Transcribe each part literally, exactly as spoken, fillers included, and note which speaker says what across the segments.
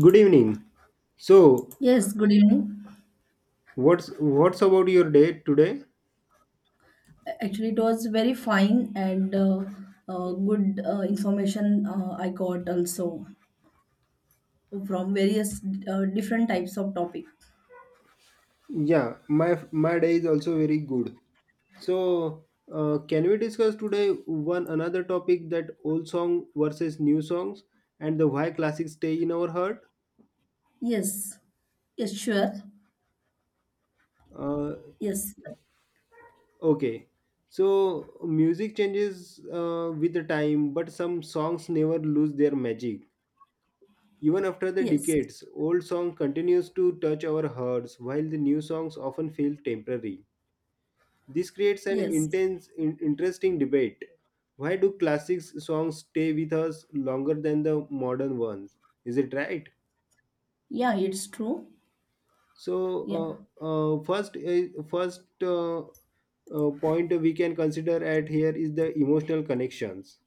Speaker 1: Good evening. So,
Speaker 2: Yes, good evening.
Speaker 1: what's what's about your day today?
Speaker 2: Actually, it was very fine and uh, uh, good uh, information uh, I got also from various uh, different types of topic.
Speaker 1: Yeah, my my day is also very good. So, uh, can we discuss today one another topic that old song versus new songs and the why classics stay in our heart?
Speaker 2: Yes, yes, sure.
Speaker 1: Uh,
Speaker 2: Yes,
Speaker 1: okay. So, music changes uh, with the time, but some songs never lose their magic. Even after the
Speaker 2: yes,
Speaker 1: decades, old song continues to touch our hearts, while the new songs often feel temporary. This creates an
Speaker 2: yes.
Speaker 1: intense, in- interesting debate. Why do classic songs stay with us longer than the modern ones? Is it right?
Speaker 2: Yeah, it's true. Yeah,
Speaker 1: So, uh, uh, first, uh, first uh, uh, point we can consider at here is the emotional connections.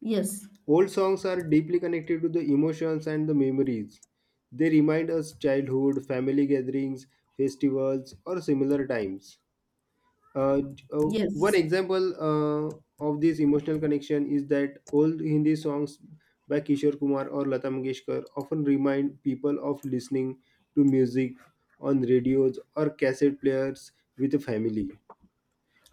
Speaker 2: yes,
Speaker 1: Old songs are deeply connected to the emotions and the memories. They remind us childhood, family gatherings, festivals, or similar times. Uh, uh, One
Speaker 2: yes,
Speaker 1: example uh, of this emotional connection is that old Hindi songs by Kishore Kumar or Lata Mangeshkar often remind people of listening to music on radios or cassette players with a family.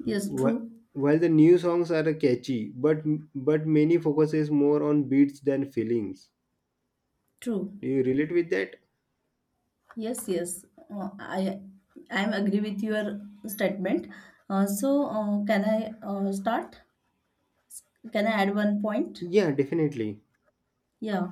Speaker 2: yes,
Speaker 1: Wh-
Speaker 2: true,
Speaker 1: While the new songs are catchy, but but many focuses more on beats than feelings.
Speaker 2: true.
Speaker 1: Do you relate with that?
Speaker 2: Yes, yes. Uh, I I am agree with your statement. Uh, so, uh, can I uh, start? Can I add one point?
Speaker 1: Yeah, definitely.
Speaker 2: Yeah.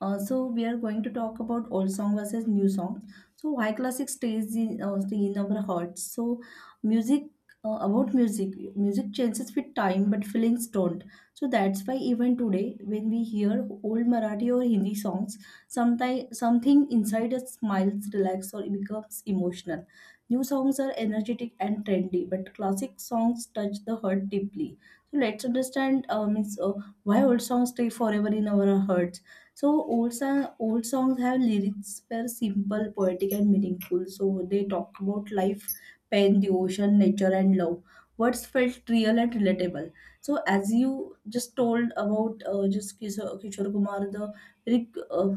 Speaker 2: Uh, so we are going to talk about old song versus new song. So why classic stays in uh, stay in our hearts. So music uh, about music, music changes with time, but feelings don't. So that's why even today, when we hear old Marathi or Hindi songs, sometimes something inside us smiles, relax, or becomes emotional. New songs are energetic and trendy, but classic songs touch the heart deeply. So let's understand. Uh, means, Um, why old songs stay forever in our hearts? So old song, old songs have lyrics were simple, poetic, and meaningful. So they talk about life, pain, the ocean, nature, and love. Words felt real and relatable. So as you just told about uh, just Kishore, Kishore Kumar, the very uh,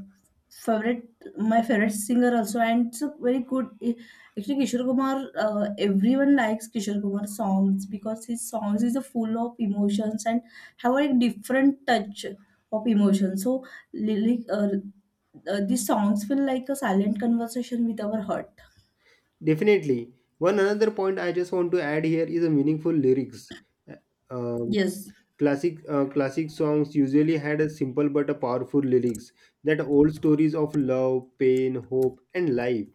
Speaker 2: favorite, my favorite singer also, and it's a very good. eh, Actually, Kishore Kumar, uh, everyone likes Kishore Kumar songs because his songs is full of emotions and have a different touch of emotion. So, lyric, uh, uh, these songs feel like a silent conversation with our heart.
Speaker 1: Definitely. One another point I just want to add here is a meaningful lyrics. Uh, Um,
Speaker 2: Yes,
Speaker 1: Classic uh, classic songs usually had a simple but a powerful lyrics that old stories of love, pain, hope, and life.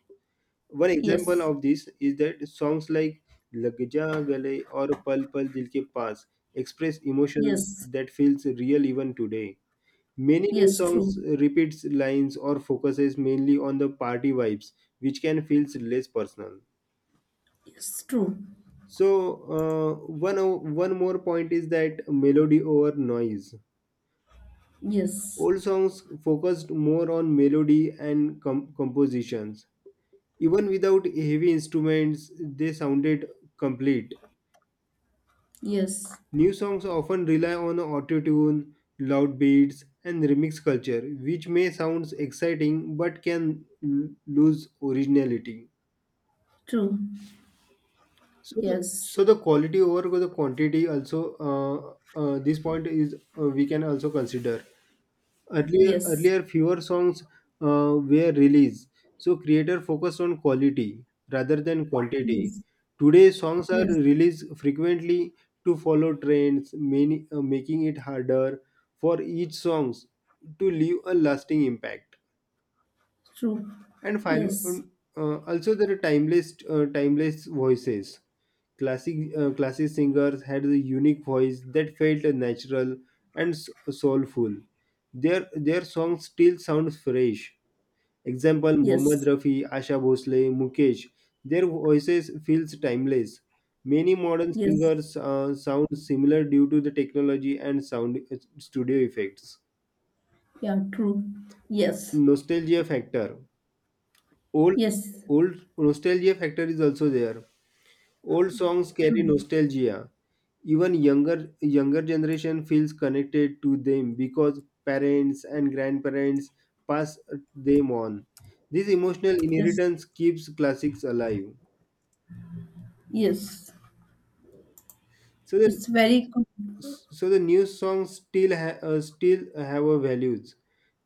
Speaker 1: One example
Speaker 2: yes,
Speaker 1: of this is that songs like "Lag Ja Gale" or "Pal Pal Dil Ke Paas" express emotions
Speaker 2: yes,
Speaker 1: that feels real even today. Many new
Speaker 2: yes,
Speaker 1: songs
Speaker 2: true,
Speaker 1: repeats lines or focuses mainly on the party vibes, which can feels less personal.
Speaker 2: yes, true,
Speaker 1: So uh, one o- one more point is that melody over noise.
Speaker 2: yes,
Speaker 1: Old songs focused more on melody and com- compositions. Even without heavy instruments, they sounded complete.
Speaker 2: yes,
Speaker 1: New songs often rely on auto-tune, loud beats, and remix culture, which may sound exciting but can l- lose originality.
Speaker 2: true,
Speaker 1: So the
Speaker 2: yes,
Speaker 1: so the quality over the quantity also uh, uh, this point is uh, we can also consider. Earlier,
Speaker 2: yes,
Speaker 1: earlier fewer songs uh, were released, so creator focused on quality rather than quantity.
Speaker 2: yes,
Speaker 1: Today, songs are
Speaker 2: yes,
Speaker 1: released frequently to follow trends, many, uh, making it harder for each songs to leave a lasting impact.
Speaker 2: true,
Speaker 1: And finally,
Speaker 2: yes,
Speaker 1: uh, also there are timeless, uh, timeless voices. Classic, uh, classic singers had the unique voice that felt natural and s- soulful. Their their songs still sound fresh. Example: Mohammad
Speaker 2: yes,
Speaker 1: Rafi, Asha Bhosle, Mukesh. Their voices feels timeless. Many modern
Speaker 2: yes,
Speaker 1: singers uh, sound similar due to the technology and sound uh, studio effects.
Speaker 2: yeah, true. Yes.
Speaker 1: Nostalgia factor. Old,
Speaker 2: Yes.
Speaker 1: old nostalgia factor is also there. Old songs carry
Speaker 2: True.
Speaker 1: nostalgia. Even younger younger generation feels connected to them because parents and grandparents pass them on. This emotional
Speaker 2: Yes.
Speaker 1: inheritance keeps classics alive.
Speaker 2: Yes.
Speaker 1: So the
Speaker 2: It's very good.
Speaker 1: so the new songs still ha- uh, still have a values,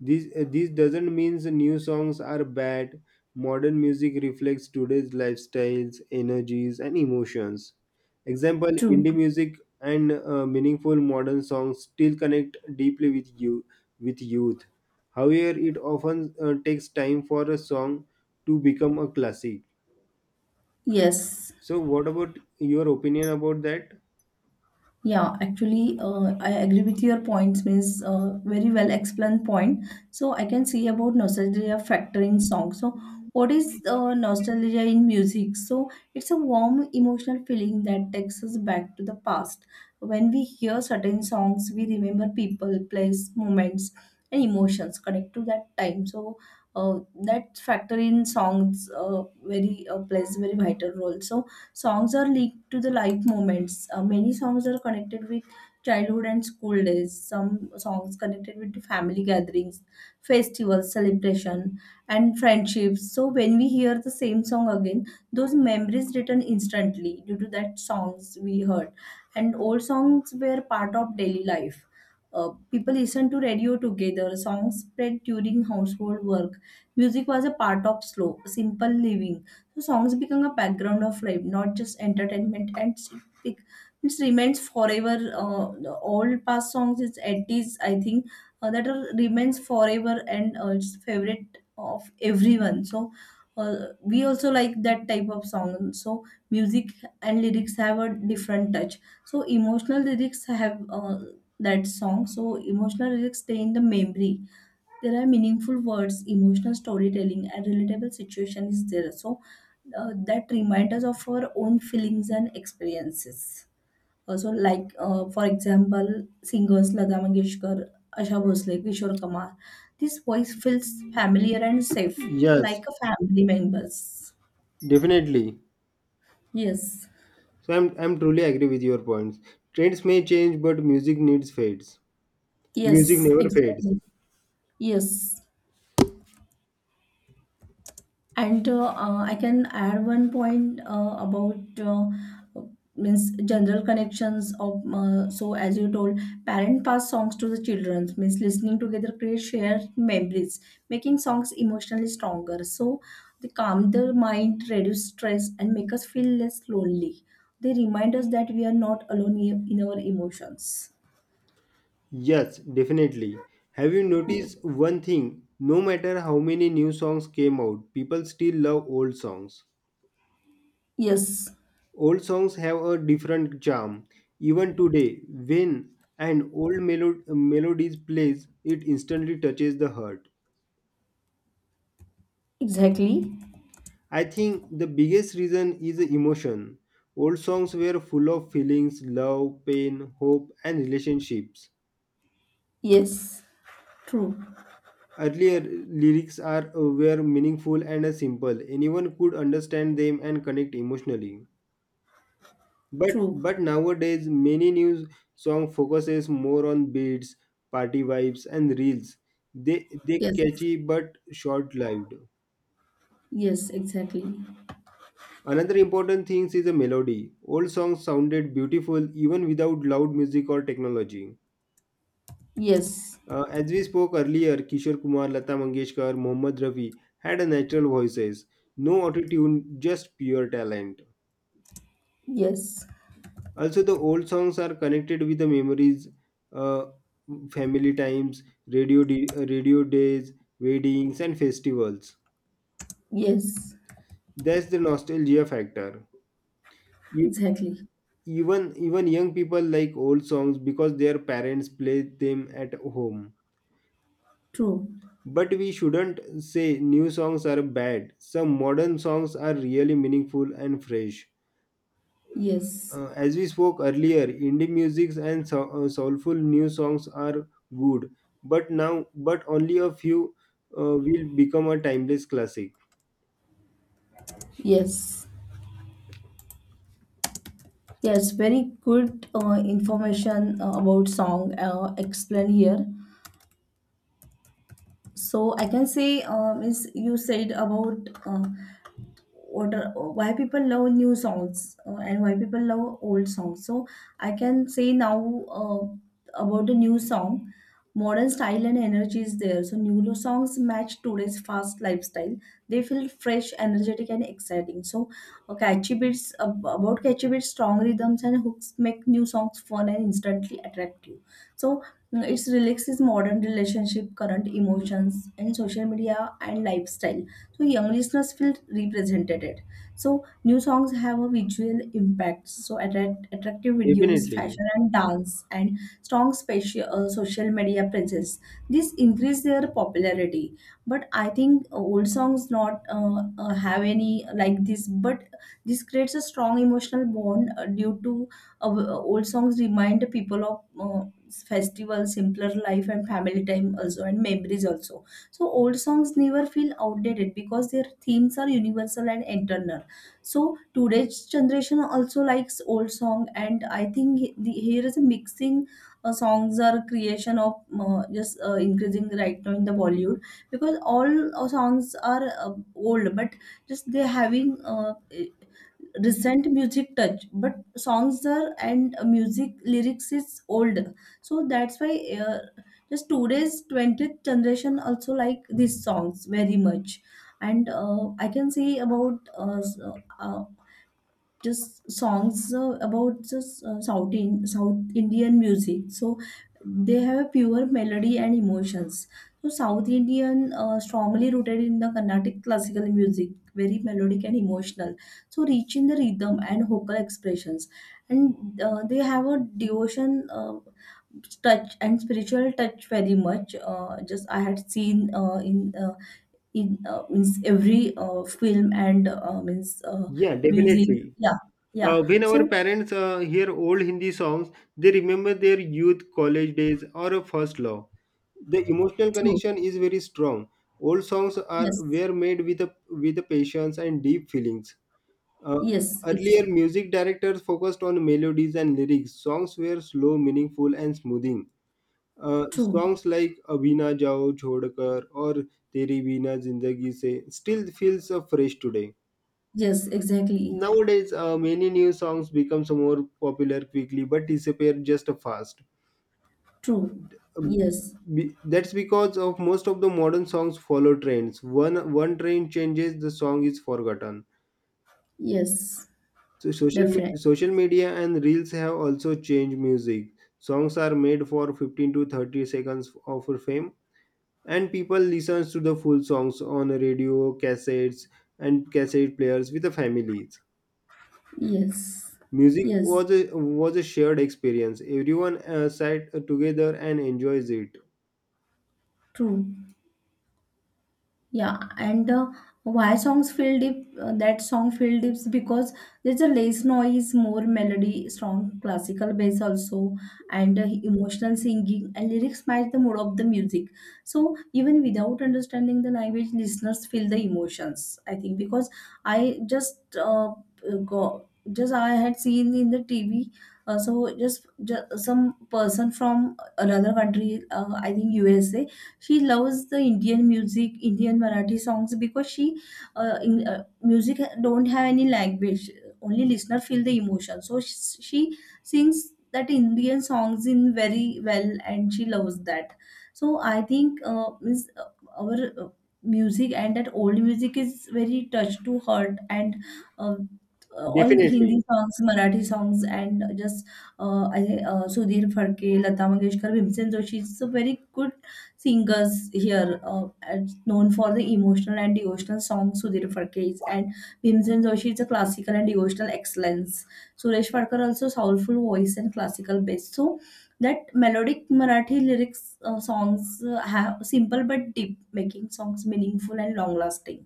Speaker 1: these uh, these doesn't means the new songs are bad. Modern music reflects today's lifestyles energies and emotions. Example:
Speaker 2: True.
Speaker 1: indie music and uh, meaningful modern songs still connect deeply with you, with youth. However, it often uh, takes time for a song to become a classic.
Speaker 2: Yes.
Speaker 1: So what about your opinion about that?
Speaker 2: Yeah, actually, uh, I agree with your points, means uh, very well explained point. So I can see about nostalgia factor in song. So what is uh, nostalgia in music? So it's a warm emotional feeling that takes us back to the past. When we hear certain songs, we remember people, place, moments, and emotions connect to that time. So uh, that factor in songs uh, very uh, plays very vital role. So songs are linked to the life moments. Uh, many songs are connected with childhood and school days. Some songs connected with family gatherings, festivals, celebration, and friendships. So when we hear the same song again, those memories return instantly due to that songs we heard. And old songs were part of daily life. Uh, people listened to radio together. Songs spread during household work. Music was a part of slow, simple living, so songs become a background of life, not just entertainment. And it's- it, it remains forever. Uh, the all past songs, it's eighties, I think, uh, that are, remains forever, and uh, it's favorite of everyone. So uh, we also like that type of song. So music and lyrics have a different touch. So emotional lyrics have uh, that song. So emotional lyrics stay in the memory. There are meaningful words, emotional storytelling, and relatable situation is there. So uh, that reminds us of our own feelings and experiences. Also, like, uh, for example, singers Lata Mangeshkar, Asha Bhosle, Kishore Kumar. This voice feels familiar and safe,
Speaker 1: Yes,
Speaker 2: like a family members.
Speaker 1: definitely.
Speaker 2: Yes,
Speaker 1: So I'm I'm truly agree with your points. Trends may change, but music needs fades. Music
Speaker 2: yes,
Speaker 1: never fades.
Speaker 2: exactly. Yes. And uh, uh, I can add one point uh, about, uh, means general connections of, uh, so as you told, parent pass songs to the children means listening together create shared memories, making songs emotionally stronger. So they calm the mind, reduce stress, and make us feel less lonely. They remind us that we are not alone i- in our emotions.
Speaker 1: Yes, definitely. Have you
Speaker 2: Yes.
Speaker 1: noticed one thing? No matter how many new songs came out, people still love old songs.
Speaker 2: Yes.
Speaker 1: Old songs have a different charm. Even today, when an old melo- melodies plays, it instantly touches the heart.
Speaker 2: Exactly.
Speaker 1: I think the biggest reason is the emotion. Old songs were full of feelings, love, pain, hope, and relationships.
Speaker 2: Yes. True.
Speaker 1: Earlier lyrics are uh, were meaningful and uh, simple. Anyone could understand them and connect emotionally. But
Speaker 2: True.
Speaker 1: but nowadays many new song focuses more on beats, party vibes, and reels. They they
Speaker 2: Yes.
Speaker 1: catchy but short-lived.
Speaker 2: Yes. Exactly.
Speaker 1: Another important thing is the melody. Old songs sounded beautiful even without loud music or technology.
Speaker 2: Yes,
Speaker 1: Uh, as we spoke earlier, Kishore Kumar, Lata Mangeshkar, Mohammad Rafi had a natural voices, no autotune, just pure talent.
Speaker 2: yes,
Speaker 1: Also, the old songs are connected with the memories, uh, family times, radio, di- uh, radio days, weddings, and festivals.
Speaker 2: yes,
Speaker 1: That's the nostalgia factor.
Speaker 2: exactly.
Speaker 1: Even even young people like old songs because their parents play them at home.
Speaker 2: True.
Speaker 1: But we shouldn't say new songs are bad. Some modern songs are really meaningful and fresh.
Speaker 2: Yes,
Speaker 1: Uh, as we spoke earlier, indie musics and so- uh, soulful new songs are good, but now, but only a few uh, will become a timeless classic.
Speaker 2: yes, yes. Very good uh, information uh, about song uh, explained here. So I can say, uh, is you said about, uh, what are, why people love new songs uh, and why people love old songs. So I can say now uh, about the new song, modern style and energy is there. So new lo- songs match today's fast lifestyle. They feel fresh, energetic, and exciting. So uh, catchy beats ab- about catchy beats, strong rhythms and hooks make new songs fun and instantly attractive. So mm, it's relaxes modern relationship, current emotions, and social media and lifestyle, so young listeners feel represented. So new songs have a visual impact, so attract, attractive videos,
Speaker 1: Definitely.
Speaker 2: fashion and dance, and strong speci- uh, social media presence. This increase their popularity, but I think old songs not uh, uh, have any like this, but this creates a strong emotional bond uh, due to, uh, old songs remind people of, uh, festival, simpler life, and family time also, and memories also. So old songs never feel outdated because their themes are universal and eternal. So today's generation also likes old song, and I think he- the, here is a mixing. Uh, songs are creation of, uh, just uh, increasing right now in the Bollywood because all uh, songs are uh, old, but just they having uh, recent music touch, but songs are and music lyrics is old. So that's why uh, just today's twentieth generation also like these songs very much. And uh, I can say about uh, s- uh, just songs uh, about just uh, South in, South Indian music. So they have a pure melody and emotions. So South Indian uh, strongly rooted in the Carnatic classical music, very melodic and emotional. So rich in the rhythm and vocal expressions, and uh, they have a devotion. Uh, touch and spiritual touch very much, uh, just I had seen uh, in, uh, in uh, means every uh, film and, uh, means, uh,
Speaker 1: Yeah,
Speaker 2: music.
Speaker 1: definitely.
Speaker 2: Yeah, yeah,
Speaker 1: Uh, when our
Speaker 2: so
Speaker 1: parents uh, hear old Hindi songs, they remember their youth, college days, or a first love. The emotional
Speaker 2: true,
Speaker 1: connection is very strong. Old songs are
Speaker 2: yes,
Speaker 1: were made with a, with a patience and deep feelings. Uh,
Speaker 2: yes, it's
Speaker 1: Earlier, music directors focused on melodies and lyrics. Songs were slow, meaningful, and smoothing. Uh,
Speaker 2: true,
Speaker 1: songs like "Abhina Jao Chhodkar" or "Teri Bina Zindagi Se" still feels uh, fresh today.
Speaker 2: yes, exactly,
Speaker 1: Nowadays, uh, many new songs becomes more popular quickly but disappear just fast.
Speaker 2: true,
Speaker 1: Um,
Speaker 2: yes,
Speaker 1: be- That's because of most of the modern songs follow trends. One one trend changes, the song is forgotten.
Speaker 2: yes,
Speaker 1: So social me-
Speaker 2: definitely,
Speaker 1: social media and reels have also changed music. Songs are made for fifteen to thirty seconds of fame, and people listen to the full songs on radio, cassettes, and cassette players with the families.
Speaker 2: yes,
Speaker 1: Music
Speaker 2: yes,
Speaker 1: was a was a shared experience. Everyone uh, sat together and enjoys it.
Speaker 2: true. Yeah, and uh, why songs feel deep? Uh, that song feel deep because there's a less noise, more melody, strong classical bass also, and uh, emotional singing and lyrics match the mood of the music. So even without understanding the language, listeners feel the emotions. I think because I just uh, go just I had seen in the T V. Uh, so just, just, some person from another country, uh, I think U S A, she loves the Indian music, Indian Marathi songs because she uh, in, uh, music don't have any language. Only listener feel the emotion. So she, she sings that Indian songs in very well, and she loves that. So I think uh, means uh, our uh, music and that old music is very touch to heart and. Uh, uh, all Hindi
Speaker 1: Definitely,
Speaker 2: songs, Marathi songs, and just uh, I, uh, Sudhir Phadke, Lata Mangeshkar, Bhimsen Joshi. It's a very good singers here, uh, as known for the emotional and devotional songs. Sudhir Phadke is, and Bhimsen Joshi is a classical and devotional excellence. Suresh Phadkar also soulful voice and classical bass. So that melodic Marathi lyrics uh, songs uh, have simple but deep, making songs meaningful and long lasting.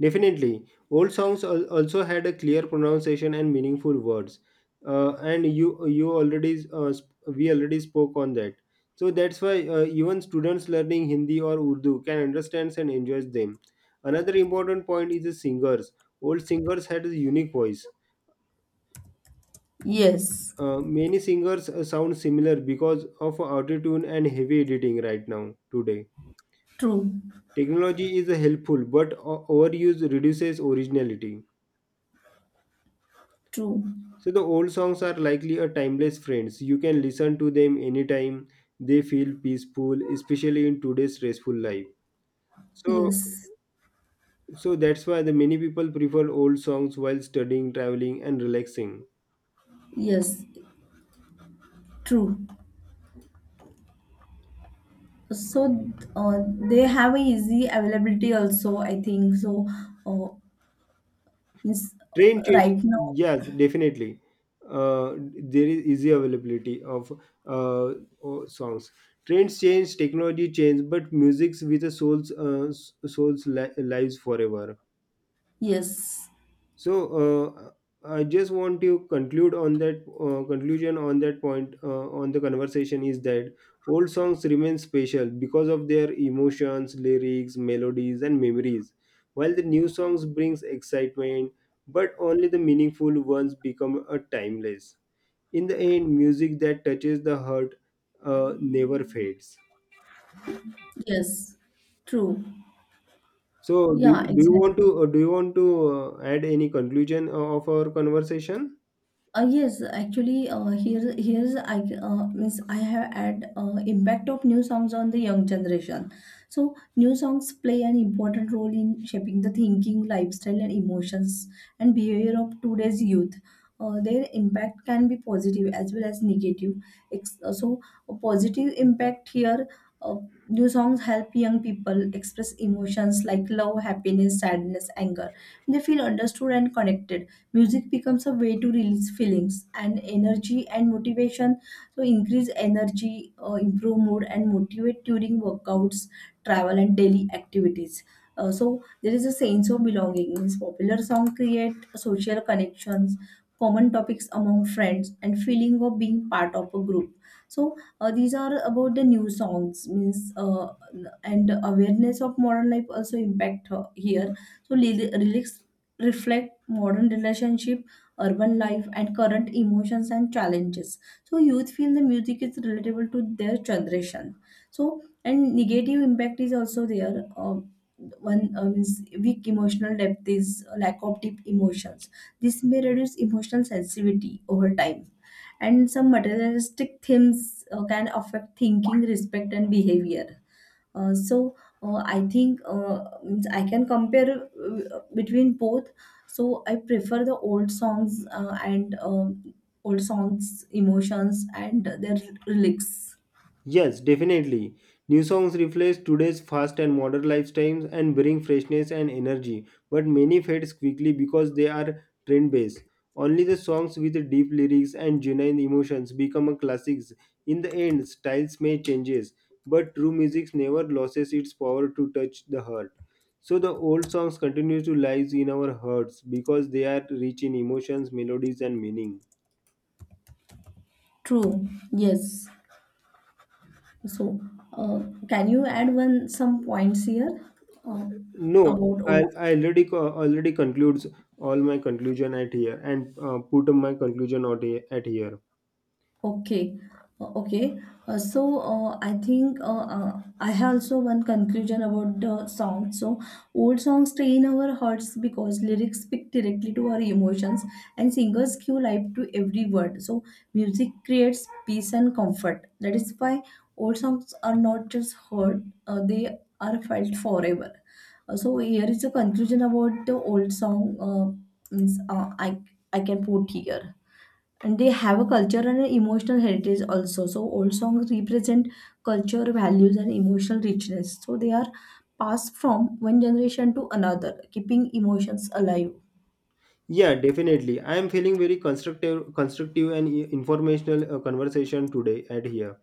Speaker 1: definitely. Old songs al- also had a clear pronunciation and meaningful words, uh, and you you already uh, sp- we already spoke on that. So that's why uh, even students learning Hindi or Urdu can understand and enjoy them. Another important point is the singers. Old singers had a unique voice.
Speaker 2: Yes,
Speaker 1: Uh, many singers uh, sound similar because of autotune and heavy editing right now today.
Speaker 2: true,
Speaker 1: Technology is uh, helpful, but o- overuse reduces originality.
Speaker 2: true.
Speaker 1: So the old songs are likely a timeless friends. You can listen to them anytime. They feel peaceful, especially in today's stressful life. So,
Speaker 2: Yes,
Speaker 1: so that's why the many people prefer old songs while studying, traveling, and relaxing.
Speaker 2: yes, true. So uh, they have a easy availability also. I think so. Uh, Yes,
Speaker 1: Train change,
Speaker 2: right now.
Speaker 1: yes, definitely. Uh, there is easy availability of uh, o- songs. Trends change, technology change, but music's with a soul's uh, s- soul's li- lives forever.
Speaker 2: Yes,
Speaker 1: So uh, I just want to conclude on that uh, conclusion on that point uh, on the conversation is that old songs remain special because of their emotions, lyrics, melodies, and memories, while the new songs brings excitement, but only the meaningful ones become a timeless. In the end, music that touches the heart uh, never fades.
Speaker 2: yes, true.
Speaker 1: So,
Speaker 2: Yeah,
Speaker 1: do, do you
Speaker 2: exactly.
Speaker 1: want to uh, do you want to uh, add any conclusion uh, of our conversation?
Speaker 2: Uh, yes, actually, uh, here here's I, uh, means I have had uh, impact of new songs on the young generation. So new songs play an important role in shaping the thinking, lifestyle, and emotions and behavior of today's youth. Uh, their impact can be positive as well as negative. Ex- uh, so a positive impact here. Uh, new songs help young people express emotions like love, happiness, sadness, anger. They feel understood and connected. Music becomes a way to release feelings and energy and motivation, so increase energy, uh, improve mood and motivate during workouts, travel, and daily activities. Uh, so there is a sense of belonging, means popular song create social connections, common topics among friends, and feeling of being part of a group. So uh, these are about the new songs, means, uh, and awareness of modern life also impact uh, here. So ly- lyrics reflect modern relationship, urban life, and current emotions and challenges. So youth feel the music is relatable to their generation. So and negative impact is also there. Um, one, uh, means weak emotional depth is, uh, lack of deep emotions. This may reduce emotional sensitivity over time, and some materialistic themes uh, can affect thinking, respect, and behavior. Uh, so, uh, I think uh, means I can compare uh, between both. So I prefer the old songs, uh, and um, old songs, emotions and their lyrics.
Speaker 1: Yes, definitely. New songs reflect today's fast and modern lifestyles and bring freshness and energy, but many fades quickly because they are trend based. Only the songs with deep lyrics and genuine emotions become a classics. In the end, styles may changes, but true music never loses its power to touch the heart. So the old songs continue to live in our hearts because they are rich in emotions, melodies, and meaning.
Speaker 2: True. Yes. So uh, can you add one some points here uh,
Speaker 1: No,
Speaker 2: about old.
Speaker 1: I I already co- already concludes all my conclusion at here and uh, put my conclusion out here, at here.
Speaker 2: Okay, uh, okay. Uh, so uh, I think uh, uh, I have also one conclusion about the song. So old songs stay in our hearts because lyrics speak directly to our emotions, and singers give life to every word. So music creates peace and comfort. That is why old songs are not just heard; uh, they are felt forever. Uh, so here is a conclusion about the old song. Uh, means, uh, I I can put here, and they have a culture and an emotional heritage also. So old songs represent culture values and emotional richness, so they are passed from one generation to another, keeping emotions alive.
Speaker 1: Yeah, definitely. I am feeling very constructive, constructive and i- informational uh, conversation today at here.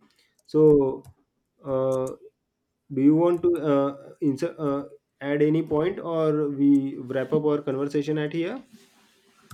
Speaker 1: So, uh, do you want to uh, insert, uh, add any point or we wrap up our conversation at here?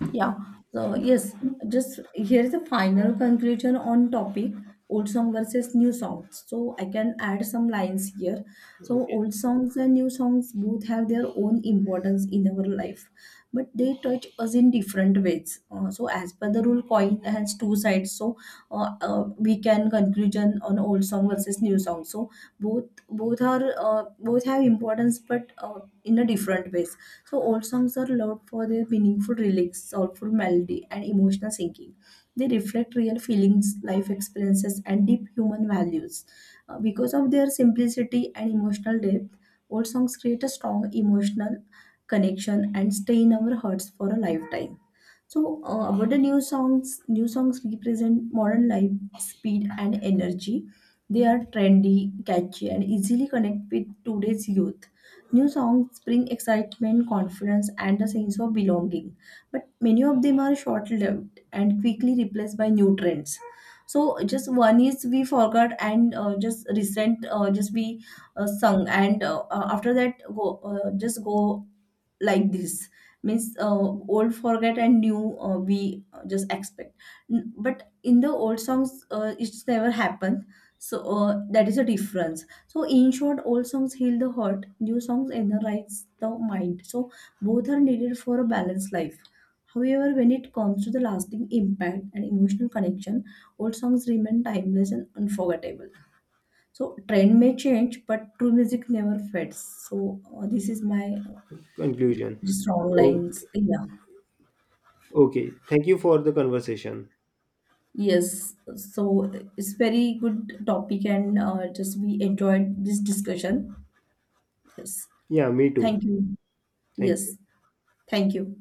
Speaker 2: Yeah. So yes, just here is the final conclusion on topic old song versus new songs. So I can add some lines here. So
Speaker 1: Okay,
Speaker 2: old songs and new songs both have their own importance in our life, but they touch us in different ways. Uh, so as per the rule, coin has two sides. So uh, uh, we can conclusion on old song versus new song. So both both are uh, both have importance, but uh, in a different ways. So old songs are loved for their meaningful lyrics, soulful melody, and emotional singing. They reflect real feelings, life experiences, and deep human values. Uh, because of their simplicity and emotional depth, old songs create a strong emotional connection and stay in our hearts for a lifetime. So, uh, about the new songs, new songs represent modern life, speed, and energy. They are trendy, catchy, and easily connect with today's youth. New songs bring excitement, confidence, and a sense of belonging. But many of them are short lived and quickly replaced by new trends. So, just one is we forgot, and uh, just recent, uh, just we uh, sung, and uh, uh, after that, go uh, just go like this, means, uh, old forget and new, uh, we, uh, just expect. N- but in the old songs uh, it's never happened. So uh, that is a difference. So in short, old songs heal the heart, new songs energize the mind, so both are needed for a balanced life. However, when it comes to the lasting impact and emotional connection, old songs remain timeless and unforgettable. So trend may change, but true music never fades. So uh, this is my, uh,
Speaker 1: conclusion.
Speaker 2: strong
Speaker 1: Okay,
Speaker 2: lines, yeah.
Speaker 1: okay. Thank you for the conversation.
Speaker 2: Yes, so it's very good topic, and uh, just we enjoyed this discussion. Yes,
Speaker 1: Yeah, me too.
Speaker 2: thank you.
Speaker 1: Thank you.
Speaker 2: Yes, thank you.